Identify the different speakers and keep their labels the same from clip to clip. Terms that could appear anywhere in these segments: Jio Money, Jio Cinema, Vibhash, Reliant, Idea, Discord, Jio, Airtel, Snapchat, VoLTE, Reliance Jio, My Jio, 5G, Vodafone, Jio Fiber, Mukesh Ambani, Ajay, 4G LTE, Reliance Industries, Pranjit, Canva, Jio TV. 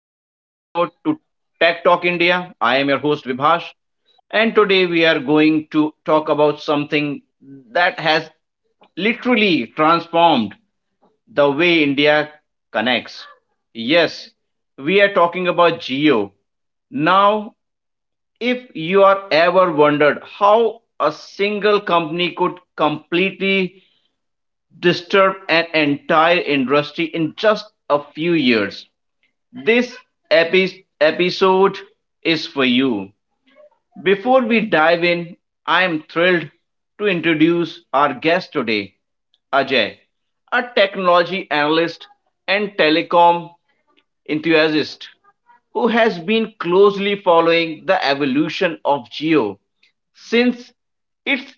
Speaker 1: to Tech Talk India. I am your host Vibhash, and today we are going to talk about something that has literally transformed the way India connects. Yes, we are talking about Geo. Now, if you are ever wondered how a single company could completely disturb an entire industry in just a few years, this episode is for you. Before we dive in, I am thrilled to introduce our guest today, Ajay, a technology analyst and telecom enthusiast who has been closely following the evolution of Geo since its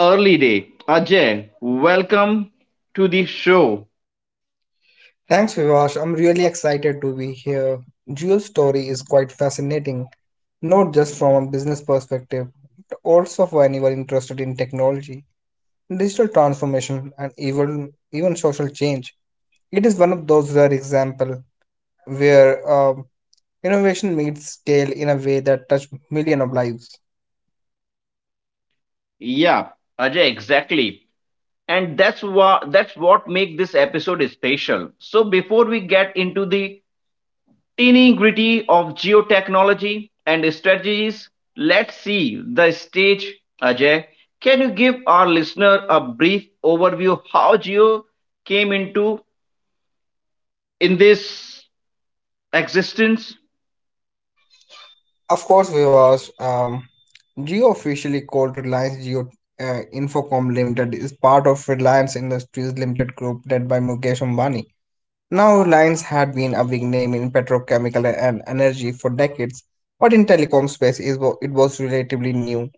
Speaker 1: early day. Ajay, welcome to the show.
Speaker 2: Thanks, Vivash. I'm really excited to be here. Jio's story is quite fascinating, not just from a business perspective, but also for anyone interested in technology, digital transformation, and even social change. It is one of those rare examples where innovation meets scale in a way that touch millions of lives.
Speaker 1: Yeah, Ajay, exactly. And that's what make this episode special. So before we get into the teeny gritty of geotechnology and strategies, let's see the stage. Ajay, can you give our listener a brief overview how Geo came into in this existence?
Speaker 2: Of course, Vivash, Jio officially called Reliance Jio Infocom Limited is part of Reliance Industries Limited Group led by Mukesh Ambani. Now, Lines had been a big name in petrochemical and energy for decades, but in telecom space is it was relatively new.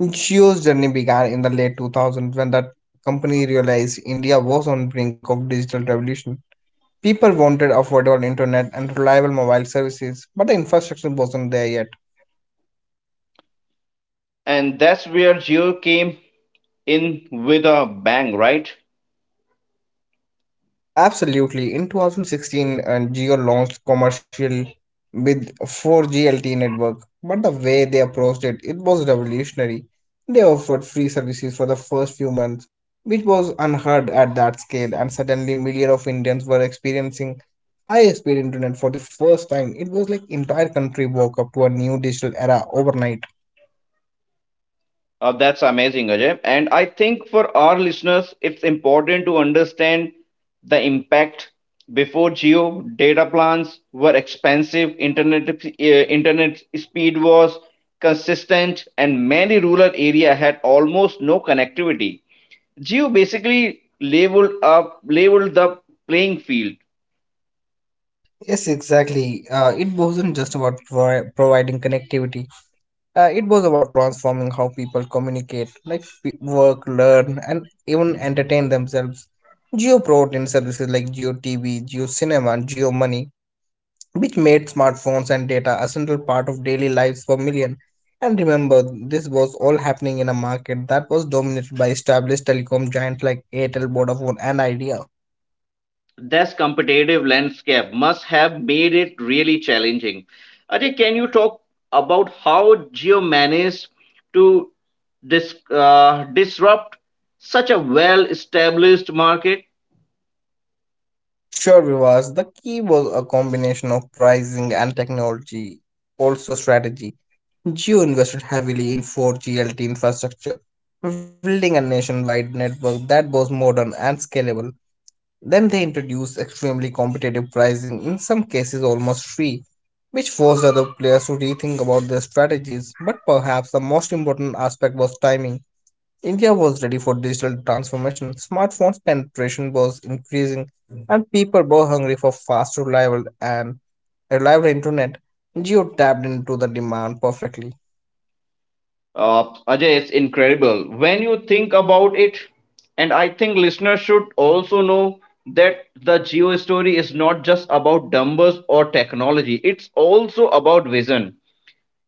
Speaker 2: Jio's journey began in the late 2000s when the company realized India was on brink of digital revolution. People wanted affordable internet and reliable mobile services, but the infrastructure wasn't there yet.
Speaker 1: And that's where Geo came in with a bang, right?
Speaker 2: Absolutely. In 2016, Geo launched commercial with 4G network, but the way they approached it, it was revolutionary. They offered free services for the first few months, which was unheard at that scale, and suddenly millions of Indians were experiencing high-speed internet for the first time. It was like entire country woke up to a new digital era overnight.
Speaker 1: That's amazing, Ajay. And I think for our listeners, it's important to understand the impact. Before Geo, data plans were expensive, internet, internet speed was consistent, and many rural area had almost no connectivity. Geo basically leveled the playing field.
Speaker 2: Yes, exactly. It wasn't just about providing connectivity. It was about transforming how people communicate, like work, learn, and even entertain themselves. Geo brought in services like Geo TV, Geo Cinema, and Geo Money, which made smartphones and data a central part of daily lives for millions. And remember, this was all happening in a market that was dominated by established telecom giants like Airtel, Vodafone, and Idea.
Speaker 1: This competitive landscape must have made it really challenging. Ajay, can you talk about how Geo managed to disrupt such a well established market?
Speaker 2: Sure, Vivas. The key was a combination of pricing and technology, also strategy. Jio invested heavily in 4G LTE infrastructure, building a nationwide network that was modern and scalable. Then they introduced extremely competitive pricing, in some cases almost free, which forced other players to rethink about their strategies. But perhaps the most important aspect was timing. India was ready for digital transformation, smartphones penetration was increasing, and people were hungry for fast, reliable, and reliable internet. Geo tapped into the demand perfectly.
Speaker 1: Ajay, it's incredible. When you think about it, and I think listeners should also know that the Geo story is not just about numbers or technology, it's also about vision.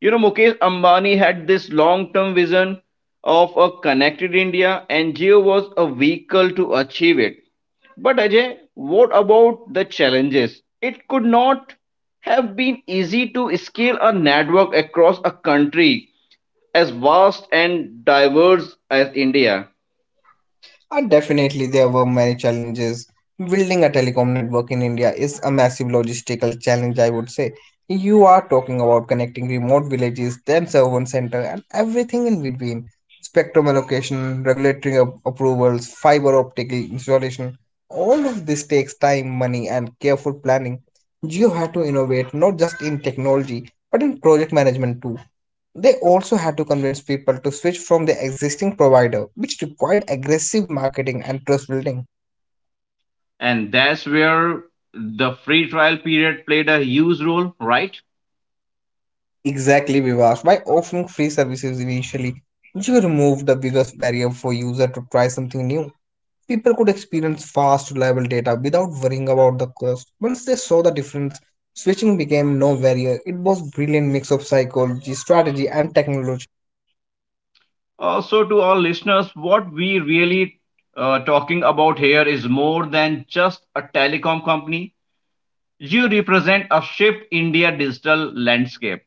Speaker 1: You know, Mukesh Ambani had this long term vision of a connected India, and Jio was a vehicle to achieve it. But Ajay, what about the challenges? It could not have been easy to scale a network across a country as vast and diverse as India.
Speaker 2: Definitely, there were many challenges. Building a telecom network in India is a massive logistical challenge, I would say. You are talking about connecting remote villages, then urban center, and everything in between. Spectrum allocation, regulatory approvals, fiber optic installation. All of this takes time, money, and careful planning. You had to innovate not just in technology, but in project management too. They also had to convince people to switch from their existing provider, which required aggressive marketing and trust building.
Speaker 1: And that's where the free trial period played a huge role, right?
Speaker 2: Exactly, Vivash. By offering free services initially, you removed the biggest barrier for users to try something new. People could experience fast, reliable data without worrying about the cost. Once they saw the difference, switching became no barrier. It was brilliant mix of psychology, strategy, and technology.
Speaker 1: So, to all listeners, what we really talking about here is more than just a telecom company. You represent a shift in India digital landscape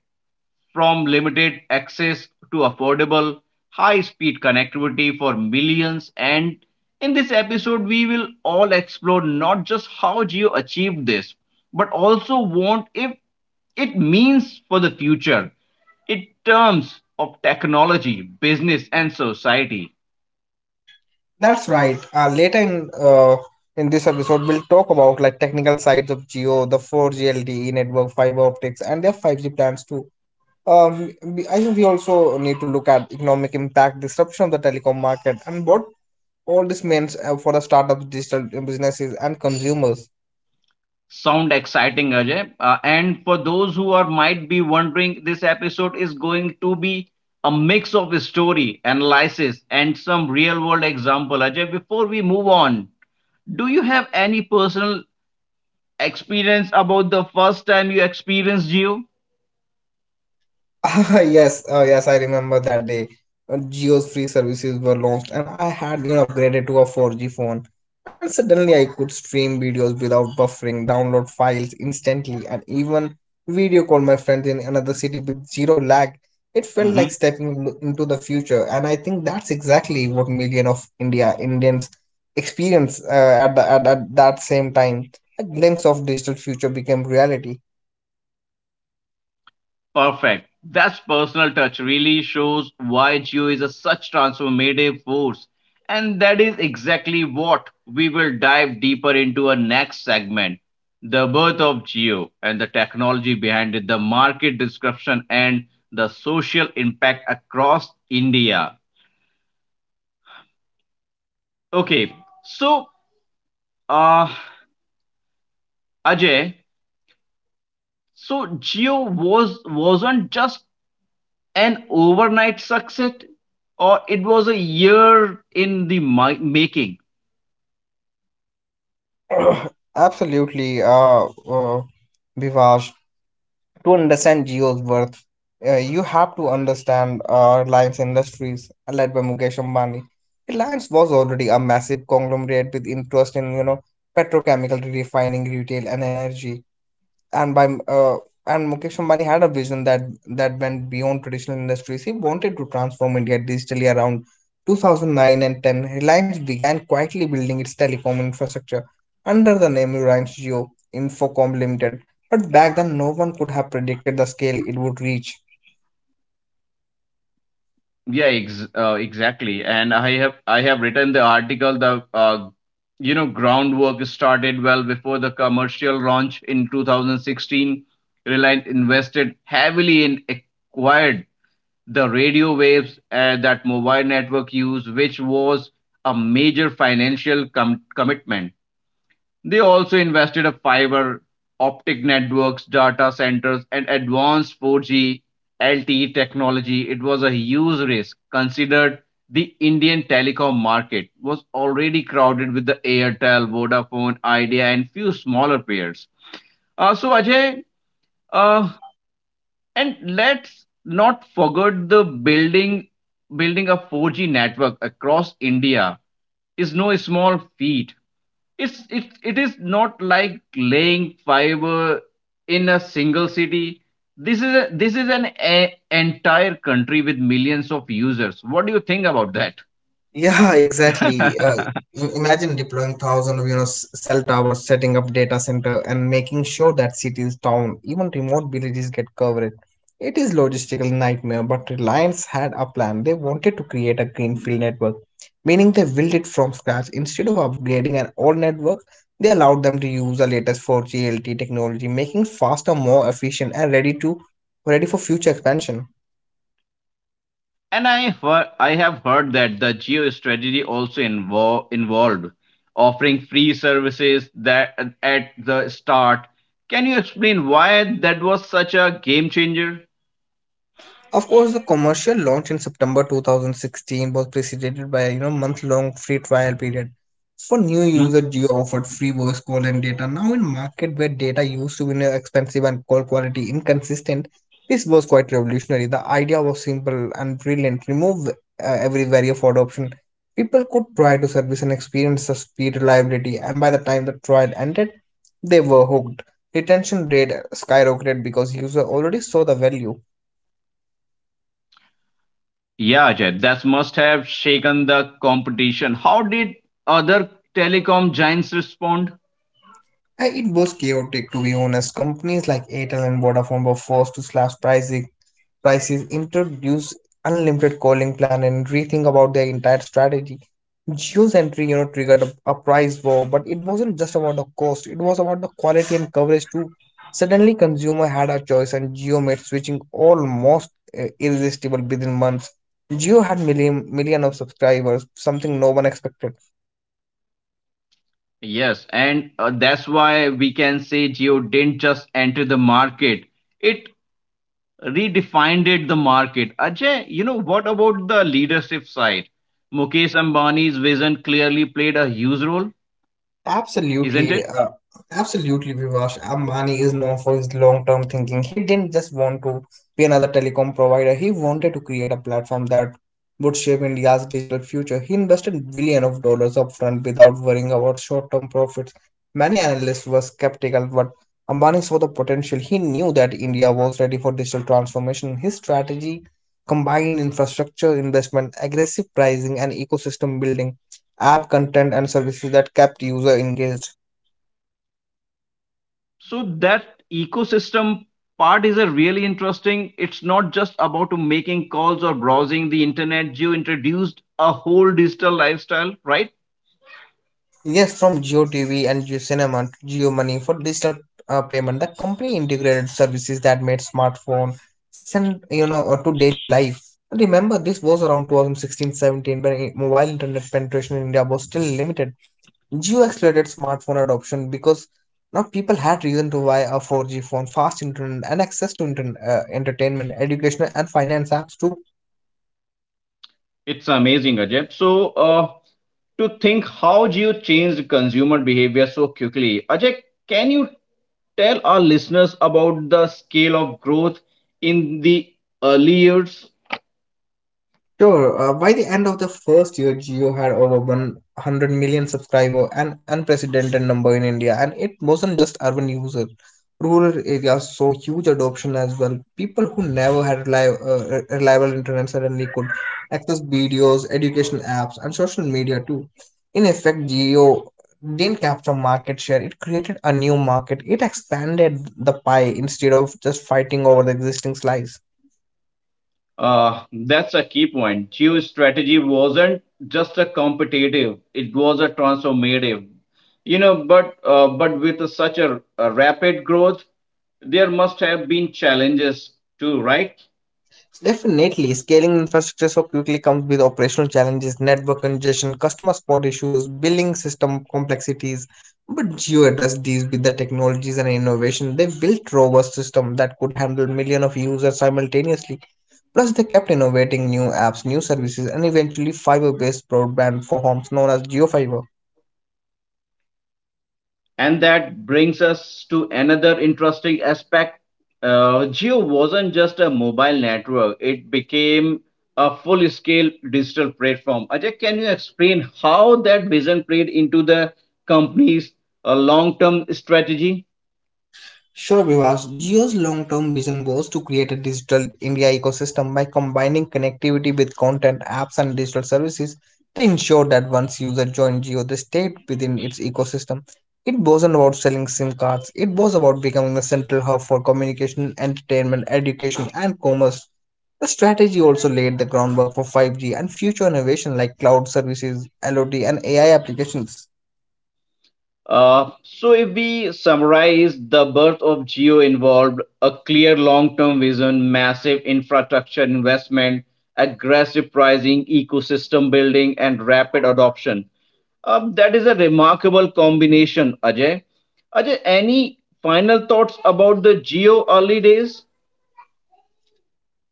Speaker 1: from limited access to affordable, high speed connectivity for millions. And in this episode, we will all explore not just how Geo achieved this, but also what if it means for the future in terms of technology, business, and society.
Speaker 2: That's right. Later in this episode, we'll talk about like technical sides of Geo, the 4G LTE network, fiber optics, and their 5G plans too. I think we also need to look at economic impact, disruption of the telecom market, and what all this means for the startups, digital businesses, and consumers.
Speaker 1: Sound exciting, Ajay. And for those who are might be wondering, this episode is going to be a mix of story, analysis, and some real world example. Ajay, before we move on, do you have any personal experience about the first time you experienced Geo?
Speaker 2: Ah, yes, oh yes, I remember that day. Geo's free services were launched, and I had you know upgraded to a 4G phone. And suddenly, I could stream videos without buffering, download files instantly, and even video call my friends in another city with zero lag. It felt like stepping into the future, and I think that's exactly what million of India Indians experience at, the, at that same time. A glimpse of digital future became reality.
Speaker 1: Perfect. That personal touch really shows why Geo is a such transformative force. And that is exactly what we will dive deeper into our next segment, the birth of Geo and the technology behind it, the market disruption, and the social impact across India. Okay, so uh, Ajay, so Geo wasn't just an overnight success, or it was a year in the making.
Speaker 2: Absolutely, uh, Vivash. To understand Jio's worth, you have to understand Reliance Industries, led by Mukesh Ambani. Reliance was already a massive conglomerate with interest in, you know, petrochemical refining, retail, and energy and by and Mukesh Ambani had a vision that went beyond traditional industries. He wanted to transform India digitally around 2009 and 10. Reliance began quietly building its telecom infrastructure under the name Reliance Jio Infocom Limited. But back then, no one could have predicted the scale it would reach.
Speaker 1: Exactly, and I have written the article. The You know, groundwork started well before the commercial launch in 2016. Reliant invested heavily in acquired the radio waves that mobile network used, which was a major financial commitment. They also invested in fiber optic networks, data centers, and advanced 4G LTE technology. It was a huge risk, considered the Indian telecom market was already crowded with the Airtel, Vodafone, Idea, and few smaller players. So Ajay, uh, and let's not forget the building a 4G network across India is no small feat. It is not like laying fiber in a single city. This is this is an entire country with millions of users. What do you think about that?
Speaker 2: Yeah, exactly. Uh, im- imagine deploying thousands of you know cell towers, setting up data center, and making sure that cities, town, even remote villages get covered. It is logistical nightmare, but Reliance had a plan. They wanted to create a greenfield network, meaning they built it from scratch. Instead of upgrading an old network, they allowed them to use the latest 4G technology, making faster, more efficient, and ready for future expansion.
Speaker 1: And I have heard that the Geo strategy also involved offering free services that at the start. Can you explain why that was such a game changer?
Speaker 2: Of course, the commercial launch in September 2016 was preceded by a you know, month-long free trial period. For new users, Geo offered free voice call and data. Now, in market where data used to be you know, expensive and call quality inconsistent, this was quite revolutionary. The idea was simple and brilliant. Remove every barrier for adoption. People could try to service and experience the speed, reliability, and by the time the trial ended, they were hooked. Retention rate skyrocketed because users already saw the value.
Speaker 1: Yeah, Ajay, that must have shaken the competition. How did other telecom giants respond?
Speaker 2: It was chaotic to be honest. Companies like Airtel and Vodafone were forced to prices, introduce unlimited calling plan, and rethink about their entire strategy. Geo's entry, you know, triggered a price war, but it wasn't just about the cost; it was about the quality and coverage too. Suddenly, consumer had a choice, and Geo made switching almost irresistible within months. Geo had million of subscribers, something no one expected.
Speaker 1: Yes, and that's why we can say Geo didn't just enter the market, it redefined the market. Ajay, you know, what about the leadership side? Mukesh Ambani's vision clearly played a huge role, isn't it?
Speaker 2: Absolutely, uh, absolutely, Vivash. Ambani is known for his long-term thinking. He didn't just want to be another telecom provider. He wanted to create a platform that would shape India's digital future. He invested billion of dollars upfront without worrying about short-term profits. Many analysts were skeptical, but Ambani saw the potential. He knew that India was ready for digital transformation. His strategy combined infrastructure investment, aggressive pricing, and ecosystem building app content and services that kept user engaged.
Speaker 1: So that ecosystem part is a really interesting. It's not just about to making calls or browsing the internet. You introduced a whole digital lifestyle, right?
Speaker 2: Yes, from GeoTV and GeoCinema to GeoMoney for digital payment, the company integrated services that made smartphone send you know to daily life. Remember, this was around 2016-17 when mobile internet penetration in India was still limited. Geo accelerated smartphone adoption because now people had reason to buy a 4G phone, fast internet, and access to internet, entertainment, educational, and finance apps too.
Speaker 1: It's amazing, Ajay. To think how Geo changed consumer behavior so quickly. Ajay, can you tell our listeners about the scale of growth in the early years?
Speaker 2: Sure, by the end of the first year, Geo had over 100 million subscribers, an unprecedented number in India. And it wasn't just urban users. Rural areas saw huge adoption as well. People who never had reliable, reliable internet suddenly could access videos, education apps, and social media too. In effect, Geo didn't capture market share, it created a new market. It expanded the pie instead of just fighting over the existing slice.
Speaker 1: That's a key point. Chew strategy wasn't just a competitive; it was a transformative. You know, but with a rapid growth, there must have been challenges too, right?
Speaker 2: Definitely, scaling infrastructure so quickly comes with operational challenges, network congestion, customer support issues, billing system complexities. But Geo addressed these with the technologies and innovation. They built robust systems that could handle millions of users simultaneously. Plus, they kept innovating new apps, new services, and eventually fiber-based broadband for homes known as Geo Fiber.
Speaker 1: And that brings us to another interesting aspect. Geo wasn't just a mobile network, it became a full scale digital platform. Ajay, can you explain how that vision played into the company's long term strategy?
Speaker 2: Sure, Vivas. Jio's long term vision was to create a digital India ecosystem by combining connectivity with content, apps, and digital services. They ensured that once users joined Jio, they stayed within its ecosystem. It wasn't about selling SIM cards, it was about becoming the central hub for communication, entertainment, education, and commerce. The strategy also laid the groundwork for 5G and future innovation like cloud services, LOD, and AI applications.
Speaker 1: So, if we summarize, the birth of Geo involved a clear long term vision, massive infrastructure investment, aggressive pricing, ecosystem building, and rapid adoption. That is a remarkable combination, Ajay. Ajay, any final thoughts about the Geo early days?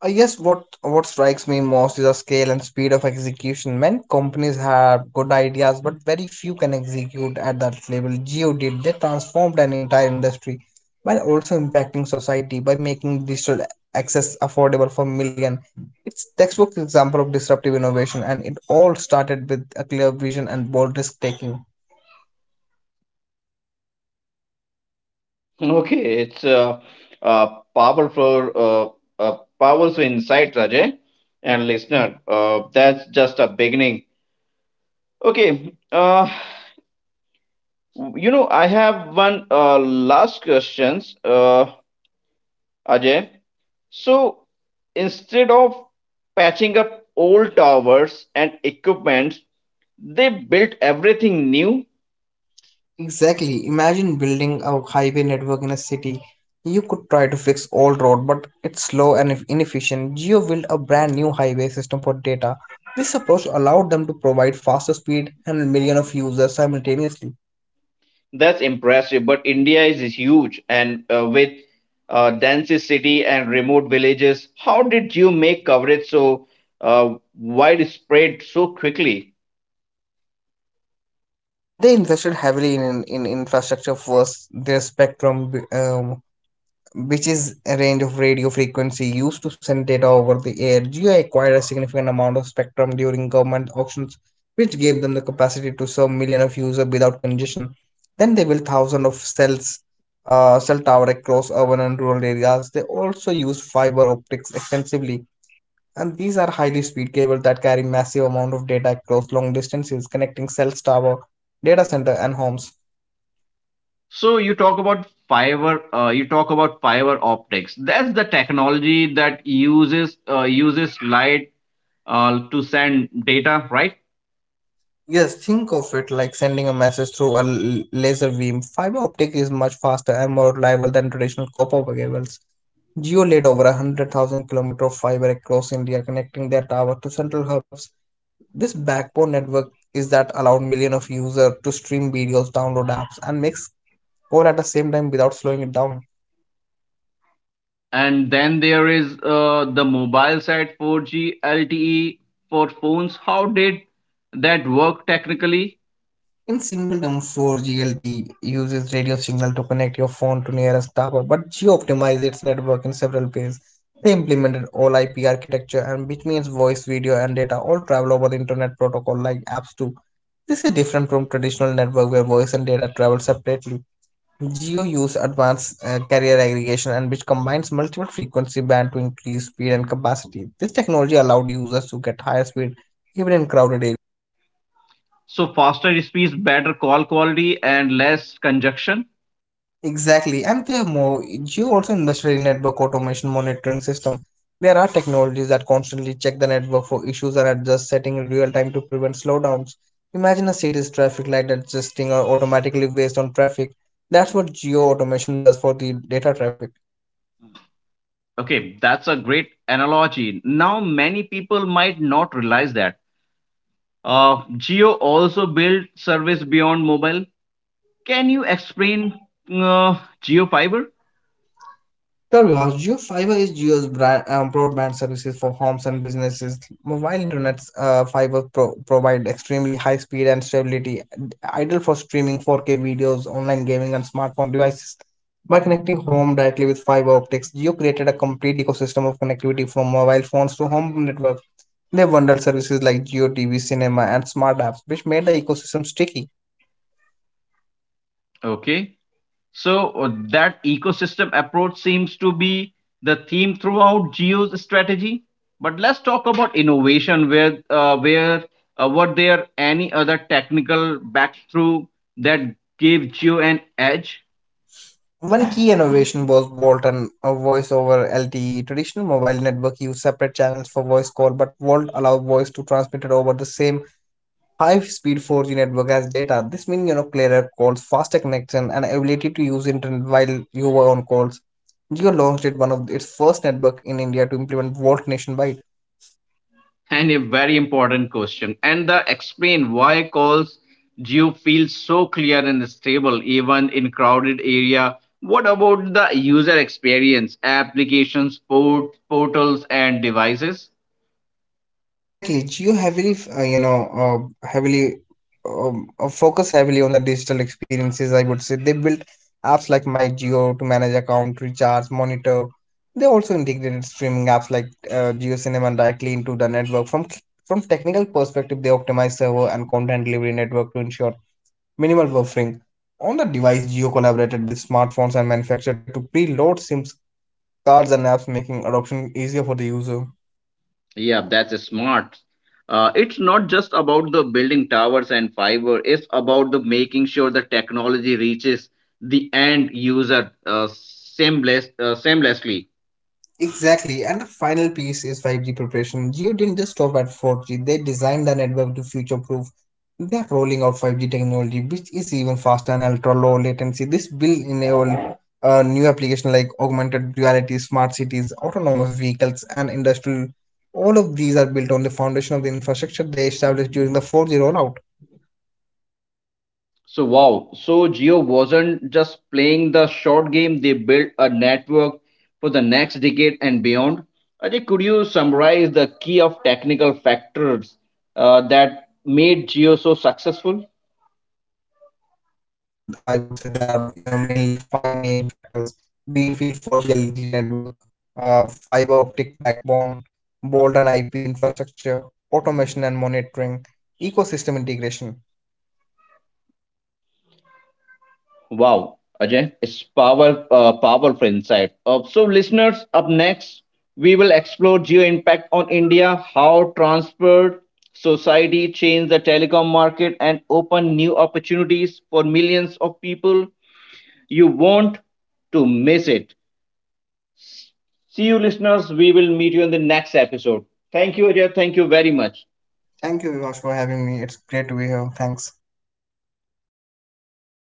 Speaker 2: I guess what strikes me most is the scale and speed of execution. Many companies have good ideas, but very few can execute at that level. Geo did. They transformed an entire industry while also impacting society by making digital access affordable for million. It's textbook example of disruptive innovation, and it all started with a clear vision and bold risk taking.
Speaker 1: Okay, a a powerful insight, Rajay, and listener. That's just a beginning. Okay, you know, I have one last questions, Ajay. So instead of patching up old towers and equipment, they built everything new.
Speaker 2: Exactly. Imagine building a highway network in a city. You could try to fix all road, but it's slow and inefficient. Geo built a brand new highway system for data. This approach allowed them to provide faster speed and millions of users simultaneously.
Speaker 1: That's impressive. But India is huge, and with densest city and remote villages. How did you make coverage so widespread so quickly?
Speaker 2: They invested heavily in infrastructure first. Their spectrum which is a range of radio frequency used to send data over the air. Geo acquired a significant amount of spectrum during government auctions, which gave them the capacity to serve millions of users without congestion. Then they built thousands of cells, cell towers across urban and rural areas. They also used fiber optics extensively, and these are highly speed cables that carry massive amount of data across long distances, connecting cells, tower, data center, and homes.
Speaker 1: So you talk about fiber. You talk about fiber optics. That's the technology that uses light to send data, right?
Speaker 2: Yes, think of it like sending a message through a laser beam. Fiber optic is much faster and more reliable than traditional copper cables. Jio laid over 100,000 km of fiber across India, connecting their tower to central hubs. This backbone network is that allowed millions of users to stream videos, download apps, and mix all at the same time without slowing it down.
Speaker 1: And then there is the mobile side 4G LTE for phones. How did that work technically?
Speaker 2: In simple terms, 4GLTE uses radio signal to connect your phone to nearest tower, but geo-optimizes its network in several ways. They implemented all IP architecture, and which means voice, video, and data all travel over the internet protocol like apps do. This is different from traditional network where voice and data travel separately. Geo uses advanced carrier aggregation and which combines multiple frequency band to increase speed and capacity. This technology allowed users to get higher speed even in crowded areas.
Speaker 1: So faster speeds, better call quality, and less congestion.
Speaker 2: Exactly, and they have more. Geo also invested in network automation monitoring system. There are technologies that constantly check the network for issues and adjust setting in real time to prevent slowdowns. Imagine a city's traffic light adjusting or automatically based on traffic. That's what geo automation does for the data traffic.
Speaker 1: Okay, that's a great analogy. Now, many people might not realize that. Geo also built service beyond mobile. Can you explain Geo Fiber?
Speaker 2: WRGeo Fiber is Geo's brand, broadband services for homes and businesses. Mobile internet fiber provide extremely high speed and stability, ideal for streaming 4K videos, online gaming, and smartphone devices. By connecting home directly with fiber optics, Geo created a complete ecosystem of connectivity from mobile phones to home network. They bundled services like Geo TV, cinema, and smart apps, which made the ecosystem sticky.
Speaker 1: Okay. That ecosystem approach seems to be the theme throughout Geo's strategy. But let's talk about innovation. Where Were there any other technical breakthrough that gave Geo an edge?
Speaker 2: One key innovation was Volt and voice over LTE. Traditional mobile network used separate channels for voice call, but Volt allowed voice to transmit it over the same high-speed 4G network as data. This means you know clearer calls, faster connection, and ability to use internet while you were on calls. Jio launched it one of its first network in India to implement Volt nationwide.
Speaker 1: And a very important question. And the explain why calls Geo feels so clear and stable even in crowded area. What about the user experience, applications, portals, and devices?
Speaker 2: Exactly. Geo heavily, you know, heavily focus heavily on the digital experiences. I would say they built apps like My Geo to manage account, recharge, monitor. They also integrated streaming apps like Geo Cinema directly into the network. From technical perspective, they optimized server and content delivery network to ensure minimal buffering. On the device, Geo collaborated with smartphones and manufactured to preload SIMs, cards, and apps, making adoption easier for the user.
Speaker 1: Yeah, that's smart. It's not just about the building towers and fiber. It's about the making sure the technology reaches the end user seamlessly.
Speaker 2: Exactly, and the final piece is 5G preparation. Geo didn't just stop at 4G, they designed the network to future proof. They are rolling out 5G technology, which is even faster and ultra low latency. This will enable new applications like augmented reality, smart cities, autonomous vehicles, and industrial. All of these are built on the foundation of the infrastructure they established during the 4G rollout.
Speaker 1: So wow, so Geo wasn't just playing the short game. They built a network for the next decade and beyond. Ajay, could you summarize the key of technical factors that made Geo so successful?
Speaker 2: I would say there are you know mainly five main factors: greenfield 4G LG network, fiber optic backbone, bold and IP infrastructure, automation and monitoring, ecosystem integration.
Speaker 1: Wow, Ajay, it's powerful insight. So, listeners, up next, we will explore geo impact on India, how transport society changed the telecom market and open new opportunities for millions of people. You won't to miss it. See you, listeners. We will meet you in the next episode. Thank you, Ajay. Thank you very much.
Speaker 2: Thank you, Vivash, for having me. It's great to be here. Thanks.